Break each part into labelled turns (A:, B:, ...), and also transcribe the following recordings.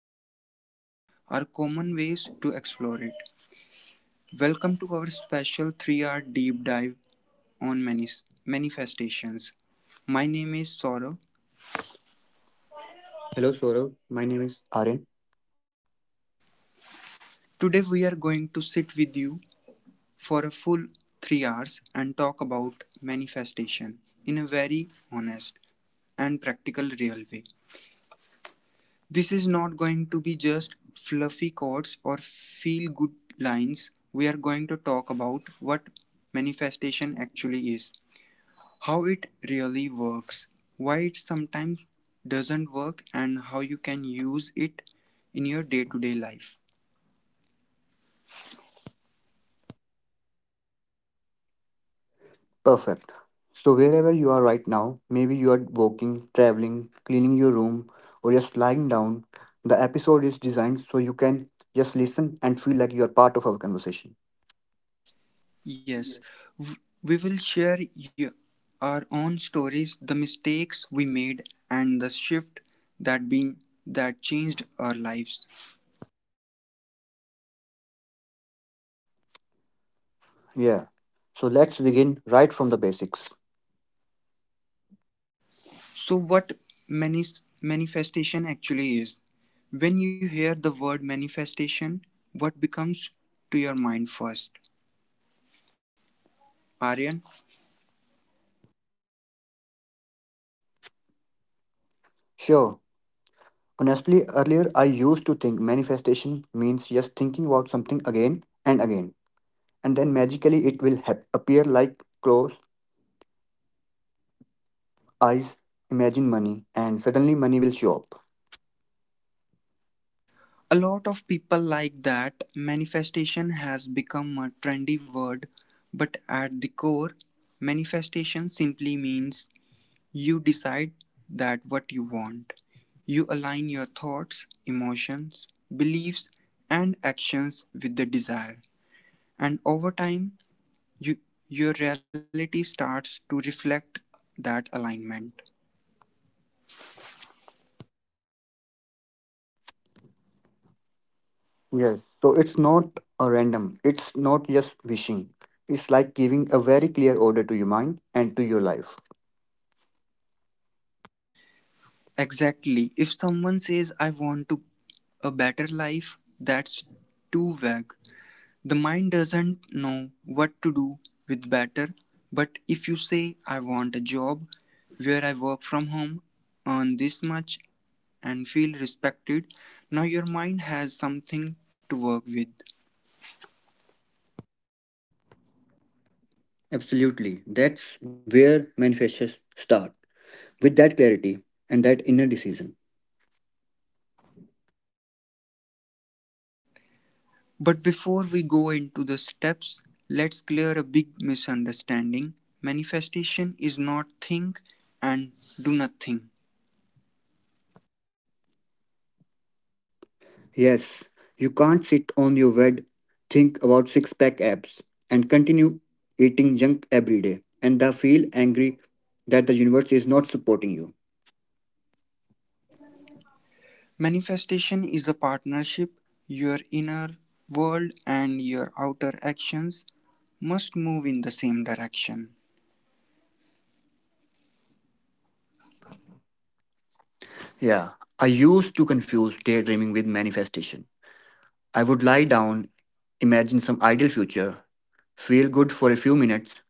A: visualizations are common ways to explore it. Welcome to our special 3-hour deep dive on manifestations. My name is Saurav.
B: Hello, Saurav. My name is Aryan.
A: Today we are going to sit with you for a full 3 hours and talk about manifestation in a very honest and practical, real way. This is not going to be just fluffy quotes or feel good lines. We are going to talk about what manifestation actually is, how it really works, why it sometimes doesn't work, and how you can use it in your day to day life.
B: Perfect. So, wherever you are right now, maybe you are walking, traveling, cleaning your room, or just lying down, the episode is designed so you can just listen and feel like you are part of our conversation.
A: Yes, w- we will share our own stories, the mistakes we made, and the shift that been that changed our lives.
B: Yeah. So, let's begin right from the basics.
A: So, what manifestation actually is? When you hear the word manifestation, what becomes to your mind first? Aryan,
B: Sure. Honestly, earlier I used to think manifestation means just thinking about something again and again, and then magically it will appear like close eyes, imagine money, and suddenly money will show up.
A: a lot of people like that manifestation has become a trendy word, but at the core, manifestation simply means you decide that what you want. You align your thoughts, emotions, beliefs, and actions with the desire. And over time, you, your reality starts to reflect that alignment.
B: Yes. So it's not a random, it's not just wishing. It's like giving a very clear order to your mind and to your life.
A: Exactly. If someone says, I want to a better life, that's too vague. The mind doesn't know what to do with better, but if you say, I want a job where I work from home, earn this much, and feel respected, now your mind has something to work with.
B: Absolutely. That's where manifestations start. With that clarity and that inner decision.
A: But before we go into the steps, let's clear a big misunderstanding. Manifestation is not think and do nothing.
B: Yes, you can't sit on your bed, think about six pack abs, and continue eating junk every day and then feel angry that the universe is not supporting you.
A: Manifestation is the partnership. Your inner world and your outer actions must move in the same direction.
B: Yeah, I used to confuse daydreaming with manifestation. I would lie down, imagine some ideal future, feel good for a few minutes,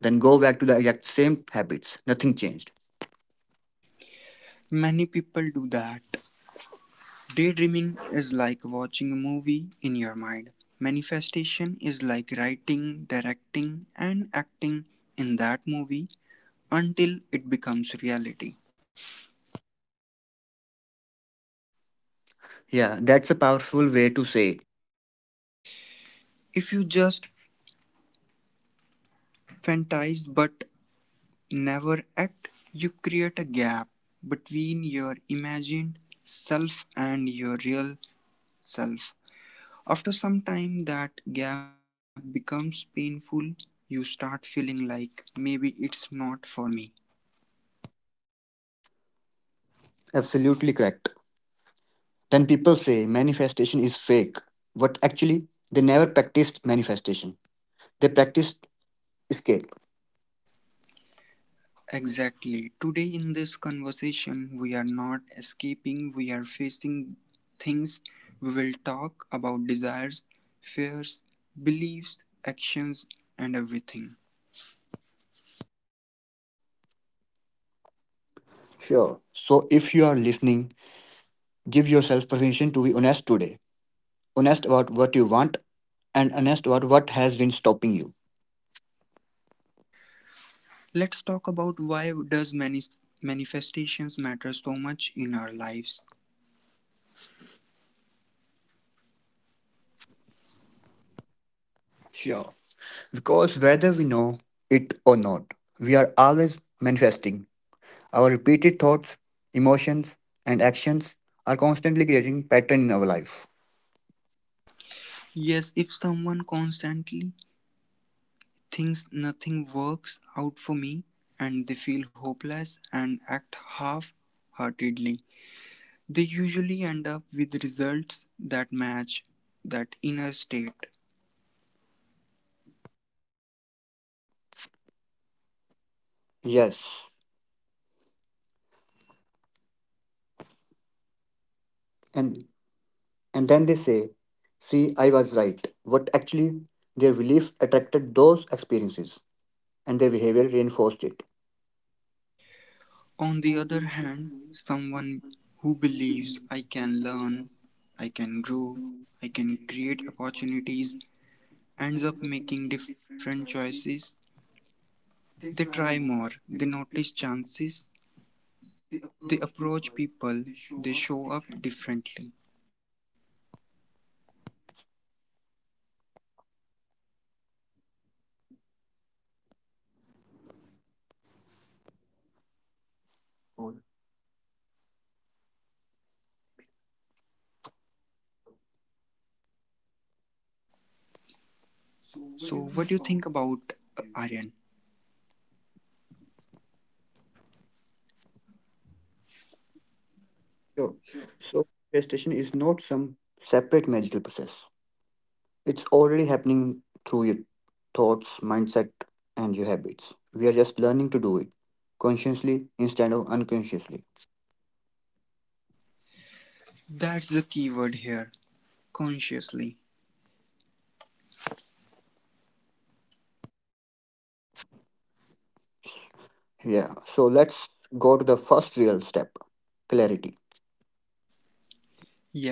B: then go back to the exact same habits. Nothing changed.
A: Many people do that. Daydreaming is like watching a movie in your mind. Manifestation is like writing, directing, and acting in that movie until it becomes reality.
B: Yeah, that's a powerful way to say it.
A: If you just fantasize but never act, you create a gap between your imagined self and your real self. After some time, that gap becomes painful. You start feeling like maybe it's not for me.
B: Absolutely correct. Then people say manifestation is fake, but actually, they never practiced manifestation. They practiced escape.
A: Exactly. Today, in this conversation, we are not escaping, we are facing things. We will talk about desires, fears, beliefs, actions, and everything.
B: Sure. So if you are listening, give yourself permission to be honest today. Honest about what you want and honest about what has been stopping you.
A: Let's talk about why does manifestations matter so much in our lives.
B: Sure. Because whether we know it or not, we are always manifesting. Our repeated thoughts, emotions, and actions are constantly creating pattern in our life.
A: Yes, if someone constantly thinks nothing works out for me and they feel hopeless and act half-heartedly, they usually end up with results that match that inner state.
B: Yes. And and then they say, see, I was right. What actually their beliefs attracted those experiences and their behavior reinforced it.
A: On the other hand, someone who believes I can learn, I can grow, I can create opportunities ends up making different choices. They try more, they notice chances, they approach people, they show up differently. So, what do you think about Aryan? Sure.
B: Sure. So gestation is not some separate magical process. It's already happening through your thoughts, mindset, and your habits. We are just learning to do it consciously instead of unconsciously.
A: That's the key word here, consciously.
B: Yeah, so let's go to the first real step, clarity.
A: Yes,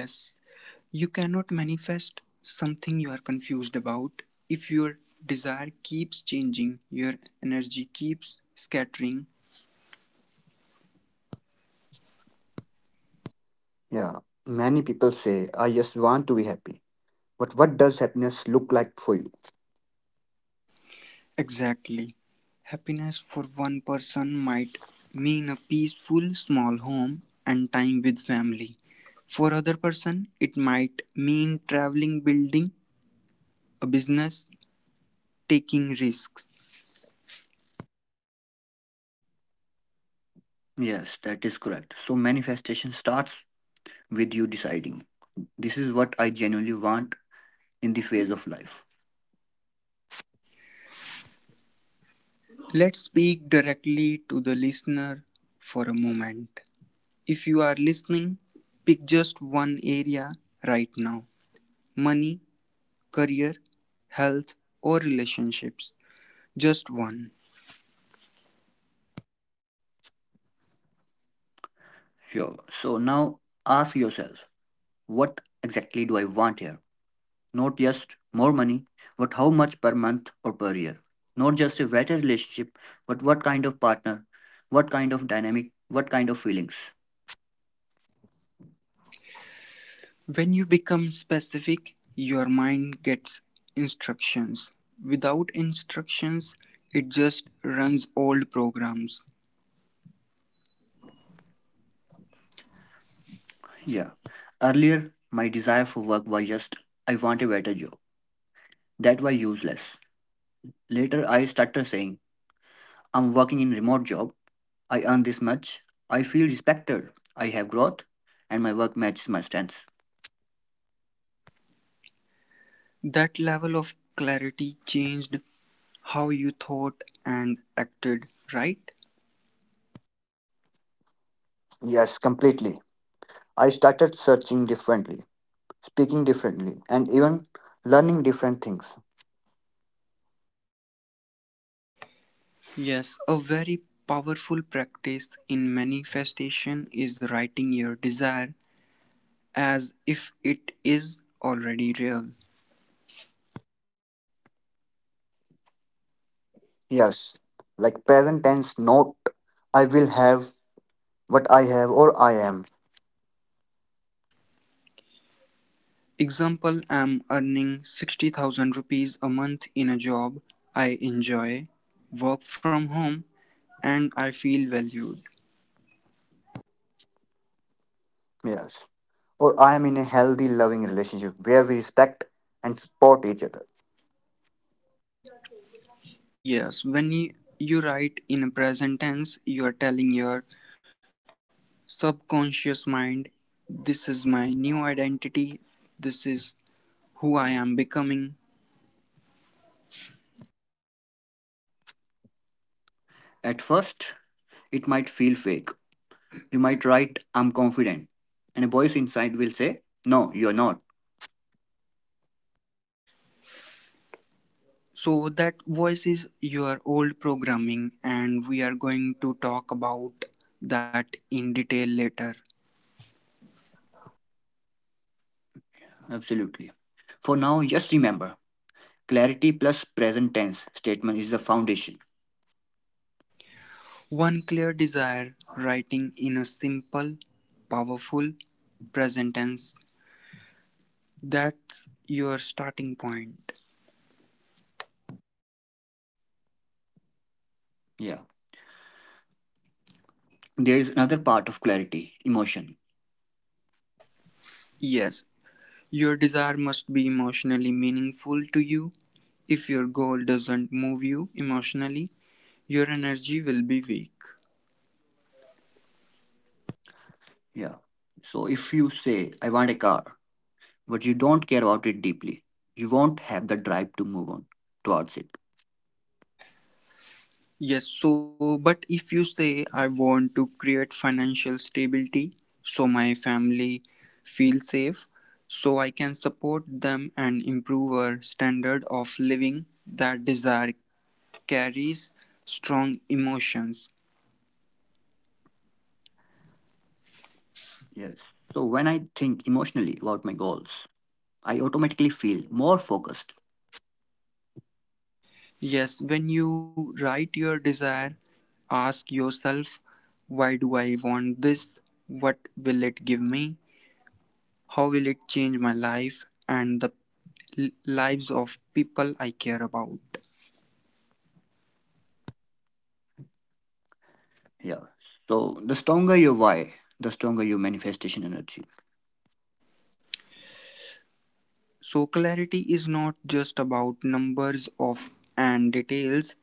A: you cannot manifest something you are confused about. If your desire keeps changing, your energy keeps scattering.
B: Yeah, many people say, I just want to be happy. But what does happiness look like for you?
A: Exactly. Happiness for one person might mean a peaceful small home and time with family. For other person, it might mean traveling, building a business, taking risks.
B: Yes, that is correct. So, manifestation starts with you deciding this is what I genuinely want in the phase of life.
A: Let's speak directly to the listener for a moment. If you are listening, pick just one area right now: money, career, health, or relationships. Just one.
B: Sure. So, now ask yourself, what exactly do I want here? Not just more money, but how much per month or per year. Not just a better relationship, but what kind of partner, what kind of dynamic, what kind of feelings.
A: When you become specific, your mind gets instructions. Without instructions, it just runs old programs.
B: Yeah. Earlier, my desire for work was just, I want a better job. That was useless. Later, I started saying, I'm working in remote job. I earn this much. I feel respected. I have growth, and my work matches my strengths.
A: That level of clarity changed how you thought and acted, right?
B: Yes, completely. I started searching differently, speaking differently, and even learning different things.
A: Yes, a very powerful practice in manifestation is writing your desire as if it is already real.
B: Yes, like present tense, not I will have, what I have or I am.
A: Example: I'm earning 60,000 rupees a month in a job I enjoy, work from home, and I feel valued.
B: Yes, or I am in a healthy, loving relationship where we respect and support each other.
A: Yes, when you write in a present tense, you are telling your subconscious mind, this is my new identity, this is who I am becoming.
B: At first, it might feel fake. You might write, I'm confident, and a voice inside will say, No, you're not.
A: So, that voice is your old programming, and we are going to talk about that in detail later.
B: Absolutely. For now, just remember clarity plus present tense statement is the foundation.
A: One clear desire writing in a simple, powerful present tense. That's your starting point.
B: Yeah. There is another part of clarity, emotion.
A: Yes, your desire must be emotionally meaningful to you. If your goal doesn't move you emotionally, your energy will be weak.
B: Yeah. So if you say, I want a car, but you don't care about it deeply, you won't have the drive to move on towards it.
A: Yes, so but if you say I want to create financial stability so my family feels safe, so I can support them and improve our standard of living, that desire carries strong emotions.
B: Yes. So when I think emotionally about my goals, I automatically feel more focused.
A: Yes, when you write your desire, ask yourself, why do I want this? What will it give me? How will it change my life and the lives of people I care about?
B: Yeah. So the stronger your why, the stronger your manifestation energy.
A: So, clarity is not just about numbers of and details,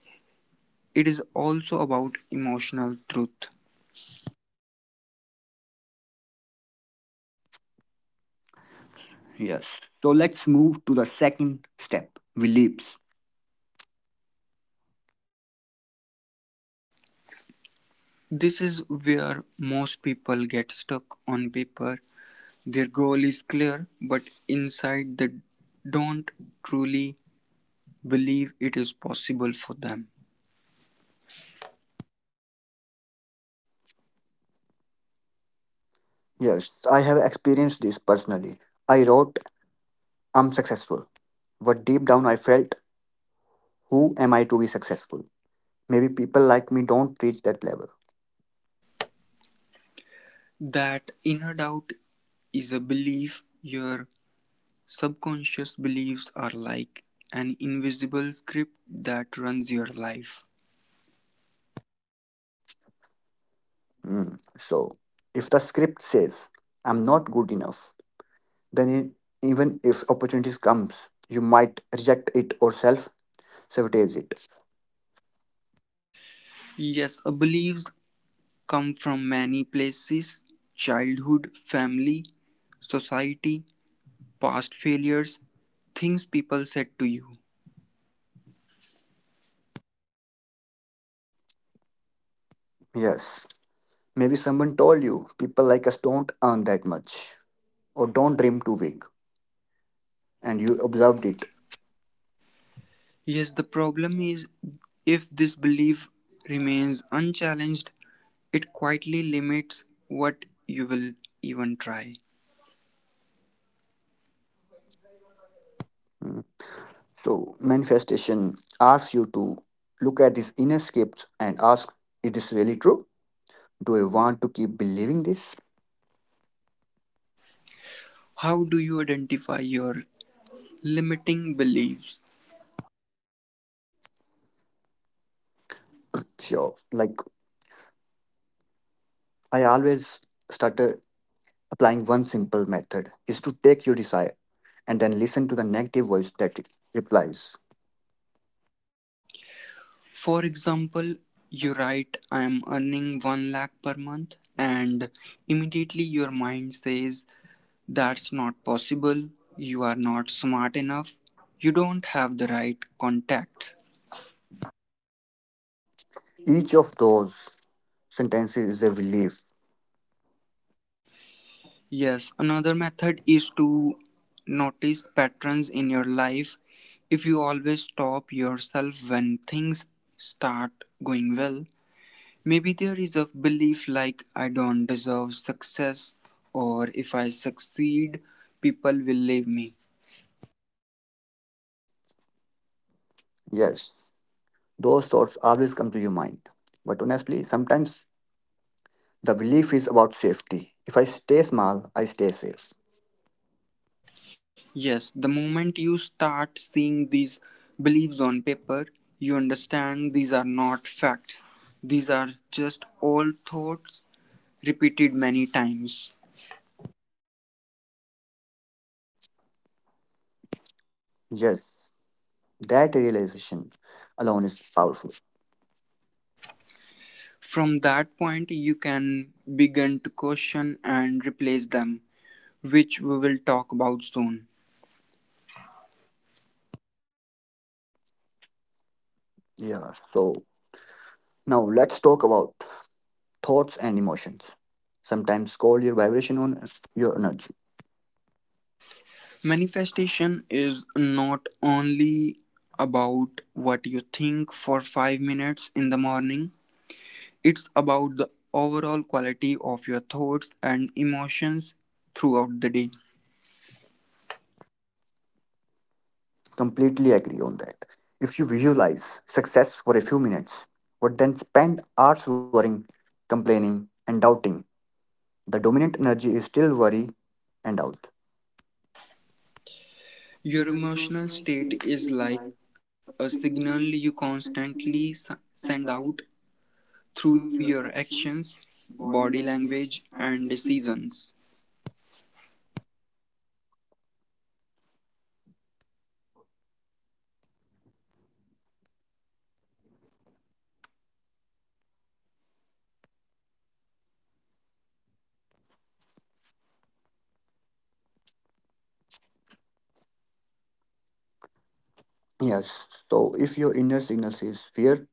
A: it is also about emotional truth.
B: Yes. So let's move to the second step, beliefs.
A: This is where most people get stuck on paper. Their goal is clear, but inside they don't truly believe it is possible for them.
B: Yes, I have experienced this personally. I wrote, I'm successful. But deep down I felt, who am I to be successful? Maybe people like me don't reach that level.
A: That inner doubt is a belief. Your subconscious beliefs are like an invisible script that runs your life.
B: Mm. So, if the script says I'm not good enough, then even if opportunities comes, you might reject it or self sabotage it.
A: Yes, a beliefs come from many places: childhood, family, society, past failures, things people said to you.
B: Yes, maybe someone told you people like us don't earn that much or don't dream too big, and you observed it.
A: Yes, the problem is if this belief remains unchallenged, it quietly limits what you will even try.
B: Mm. So, manifestation asks you to look at these inner scripts and ask, is this really true? Do I want to keep believing this?
A: How do you identify your limiting beliefs?
B: Sure. Like I always started. Applying one simple method is to take your desire and then listen to the negative voice that replies.
A: For example, you write, I am earning 1 lakh per month, and immediately your mind says, that's not possible. You are not smart enough. You don't have the right contacts.
B: Each of those sentences is a relief.
A: Yes, another method is to notice patterns in your life. If you always stop yourself when things start going well, maybe there is a belief like I don't deserve success, or if I succeed, people will leave me.
B: Yes, those thoughts always come to your mind. But honestly, sometimes the belief is about safety. If I stay small, I stay safe.
A: Yes, the moment you start seeing these beliefs on paper, you understand these are not facts. These are just old thoughts repeated many times.
B: Yes, that realization alone is powerful.
A: From that point, you can begin to question and replace them, which we will talk about soon.
B: Yeah, so now let's talk about thoughts and emotions. Sometimes call your vibration on your energy.
A: Manifestation is not only about what you think for 5 minutes in the morning. It's about the overall quality of your thoughts and emotions throughout the day.
B: Completely agree on that. If you visualize success for a few minutes, but then spend hours worrying, complaining, and doubting, the dominant energy is still worry and doubt.
A: Your emotional state is like a signal you constantly send out through your actions, body language, and decisions.
B: Yes, so if your inner signal says fear,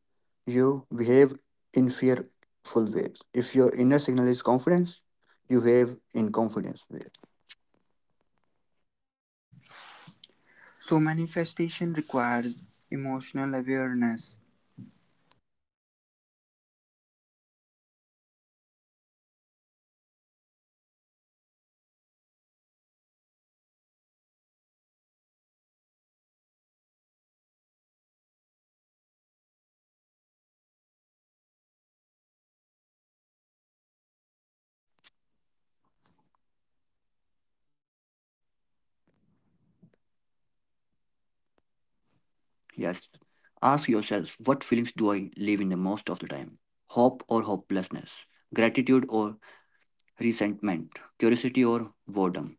B: you behave in fearful ways. If your inner signal is confidence, you behave in confidence way.
A: So, manifestation requires emotional awareness.
B: Yes. Ask yourself what feelings do I live in the most of the time? Hope or hopelessness? Gratitude or resentment, curiosity, or boredom.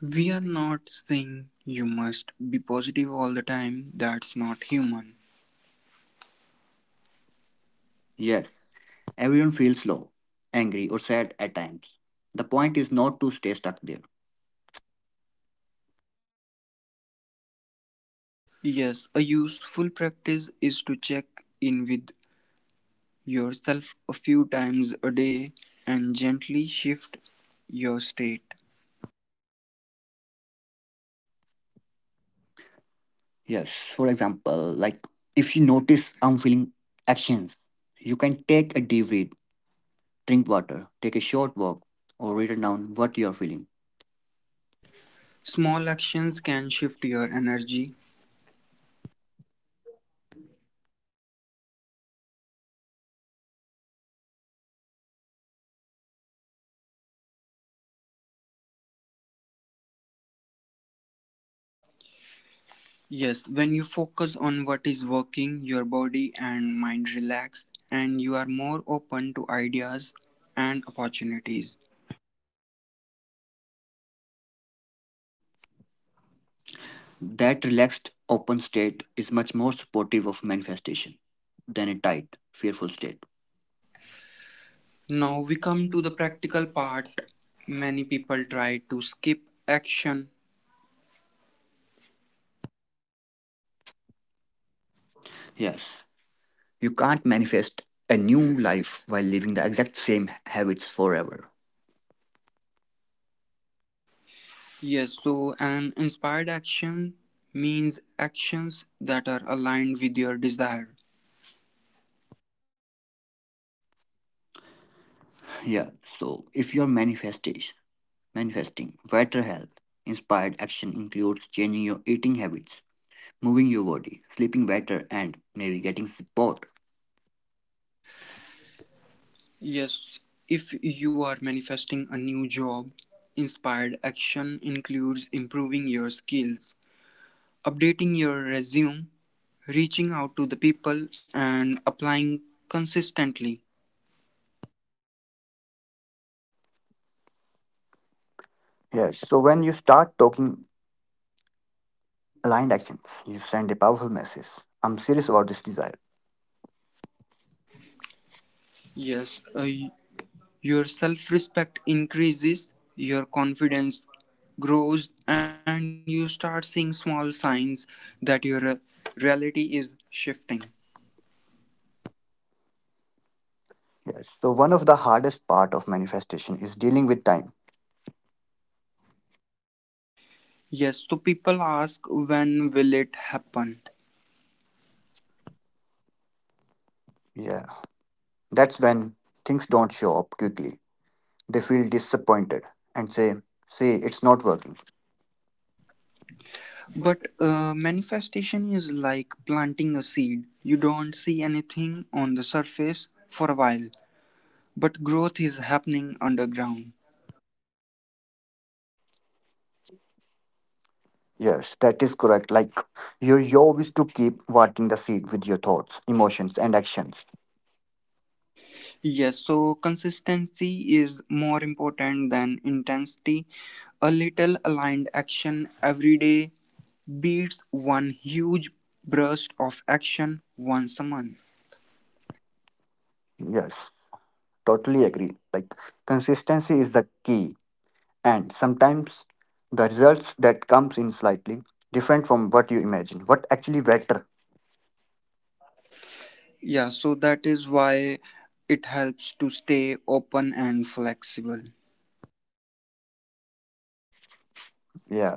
A: We are not saying you must be positive all the time, that's not human.
B: Yes, everyone feels low, angry, or sad at times. The point is not to stay stuck there.
A: Yes, a useful practice is to check in with yourself a few times a day and gently shift your state.
B: Yes, for example, like if you notice unfeeling actions, you can take a deep breath, drink water, take a short walk, or write down what you are feeling.
A: Small actions can shift your energy. Yes, when you focus on what is working, your body and mind relax and you are more open to ideas and opportunities.
B: That relaxed, open state is much more supportive of manifestation than a tight, fearful state.
A: Now we come to the practical part. Many people try to skip action.
B: Yes, you can't manifest a new life while living the exact same habits forever.
A: Yes, so an inspired action means actions that are aligned with your desire.
B: Yeah, so if you're manifestation manifesting better health, inspired action includes changing your eating habits, moving your body, sleeping better, and maybe getting support.
A: Yes, if you are manifesting a new job, inspired action includes improving your skills, updating your resume, reaching out to the people, and applying consistently.
B: Yes, so when you start talking aligned actions, you send a powerful message. I'm serious about this desire.
A: Yes, your self respect increases, your confidence grows, and you start seeing small signs that your reality is shifting.
B: Yes, so one of the hardest part of manifestation is dealing with time.
A: Yes, so people ask when will it happen?
B: Yeah, that's when things don't show up quickly. They feel disappointed and say, "Say it's not working."
A: But manifestation is like planting a seed. You don't see anything on the surface for a while, but growth is happening underground.
B: Yes, that is correct. Like your job is to keep watering the seed with your thoughts, emotions, and actions.
A: Yes, so consistency is more important than intensity. A little aligned action every day beats one huge burst of action once a month.
B: Yes, totally agree. Like consistency is the key, and sometimes the results that comes in slightly different from what you imagine. What actually better?
A: Yeah, so that is why it helps to stay open and flexible.
B: Yeah.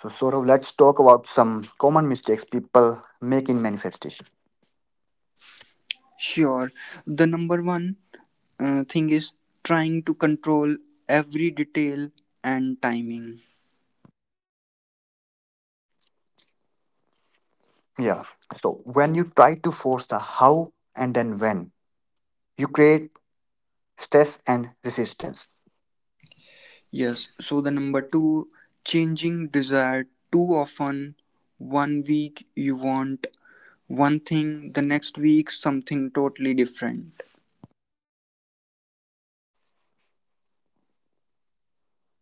B: So Saurav, let's talk about some common mistakes people make in manifestation.
A: Sure, the number one thing is trying to control every detail and timing.
B: Yeah. So when you try to force the how and then when, you create stress and resistance.
A: Yes, so the number two, changing desire too often. 1 week you want one thing, the next week something totally different.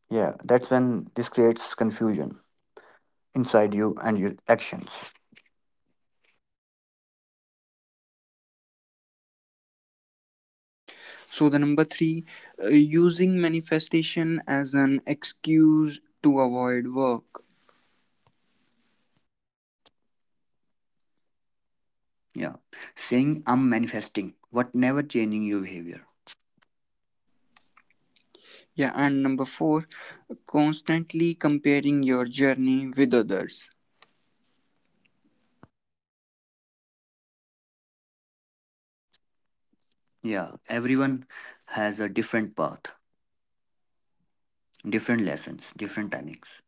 B: Yeah, that's when this creates confusion inside you and your actions.
A: So the number three, using manifestation as an excuse to avoid work.
B: Yeah, saying I'm manifesting, what never changing your behavior.
A: Yeah, and number four, constantly comparing your journey with others.
B: Yeah, everyone has a different path, different lessons, different timings.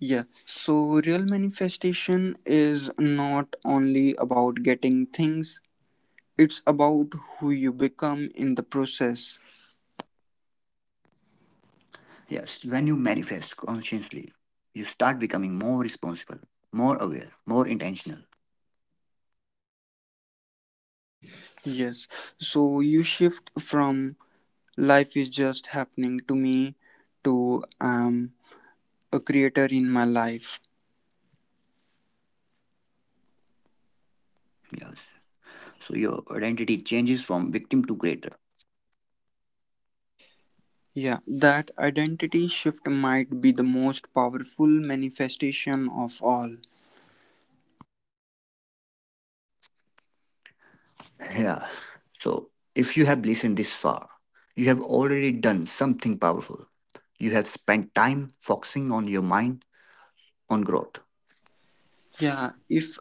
A: Yeah, so real manifestation is not only about getting things, it's about who you become in the process.
B: Yes, when you manifest consciously, you start becoming more responsible, more aware, more intentional.
A: Yes, so you shift from life is just happening to me to I'm a creator in my life.
B: Yes, so your identity changes from victim to creator.
A: Yeah, that identity shift might be the most powerful manifestation of all.
B: Yeah. So if you have listened this far, you have already done something powerful. You have spent time focusing on your mind, on growth.
A: Yeah, if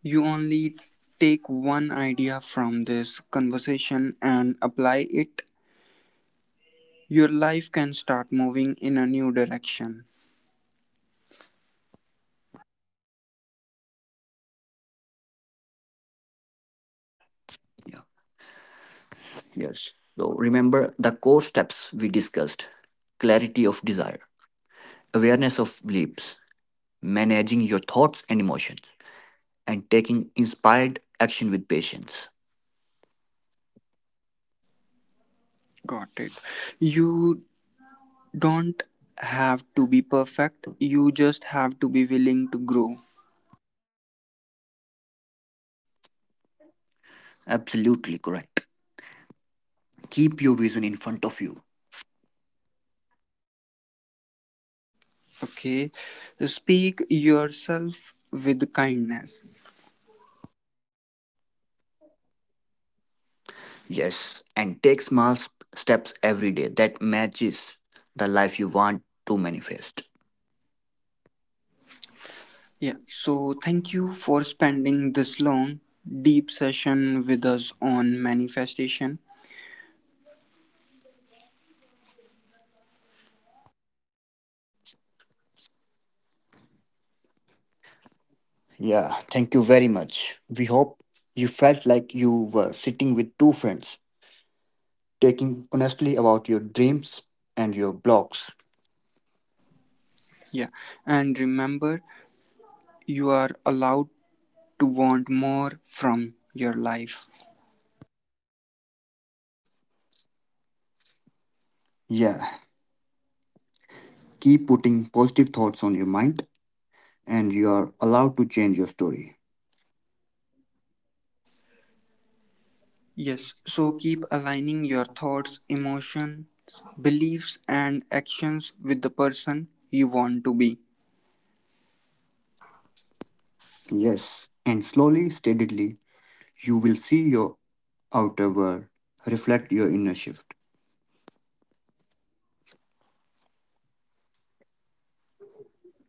A: you only take one idea from this conversation and apply it, your life can start moving in a new direction.
B: Yeah. Yes. So remember the core steps we discussed, clarity of desire, awareness of beliefs, managing your thoughts and emotions, and taking inspired action with patience.
A: Got it. You don't have to be perfect, you just have to be willing to grow.
B: Absolutely correct. Keep your vision in front of you.
A: Okay. Speak yourself with kindness.
B: Yes, and take small steps every day that matches the life you want to manifest.
A: Yeah. So, thank you for spending this long, deep session with us on manifestation.
B: Yeah, thank you very much. We hope you felt like you were sitting with two friends, taking honestly about your dreams and your blocks.
A: Yeah. And remember, you are allowed to want more from your life.
B: Yeah, keep putting positive thoughts on your mind, and you are allowed to change your story.
A: Yes, so keep aligning your thoughts, emotions, beliefs, and actions with the person you want to be.
B: Yes, and slowly, steadily, you will see your outer world reflect your inner shift.
A: Yeah,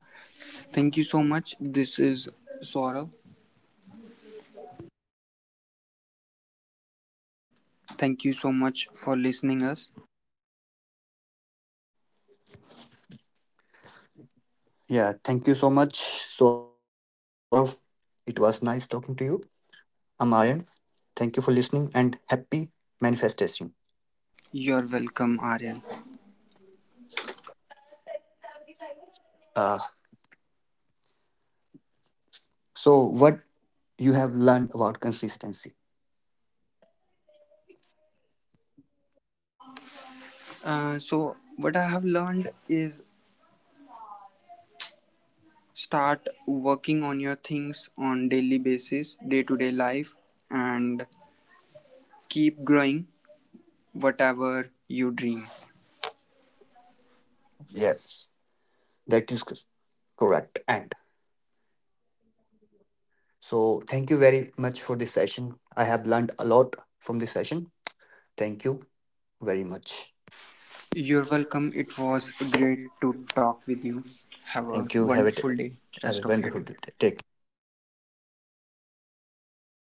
A: thank you so much. This is Saurabh. Thank you so much for listening us.
B: Yeah, thank you so much, Saurav. It was nice talking to you. I'm Aryan. Thank you for listening and happy manifestation.
A: You're welcome, Aryan.
B: Uh, so, what you have learned about consistency?
A: So what I have learned is start working on your things on daily basis, day to day life, and keep growing whatever you dream.
B: Yes, that is correct. And so, thank you very much for this session. I have learned a lot from this session. Thank you very much.
A: You're welcome. It was great to talk with you. Have a
B: Thank you. Have it.
A: wonderful day,
B: Have
A: rest
B: a
A: of your
B: wonderful
A: day.
B: day. Take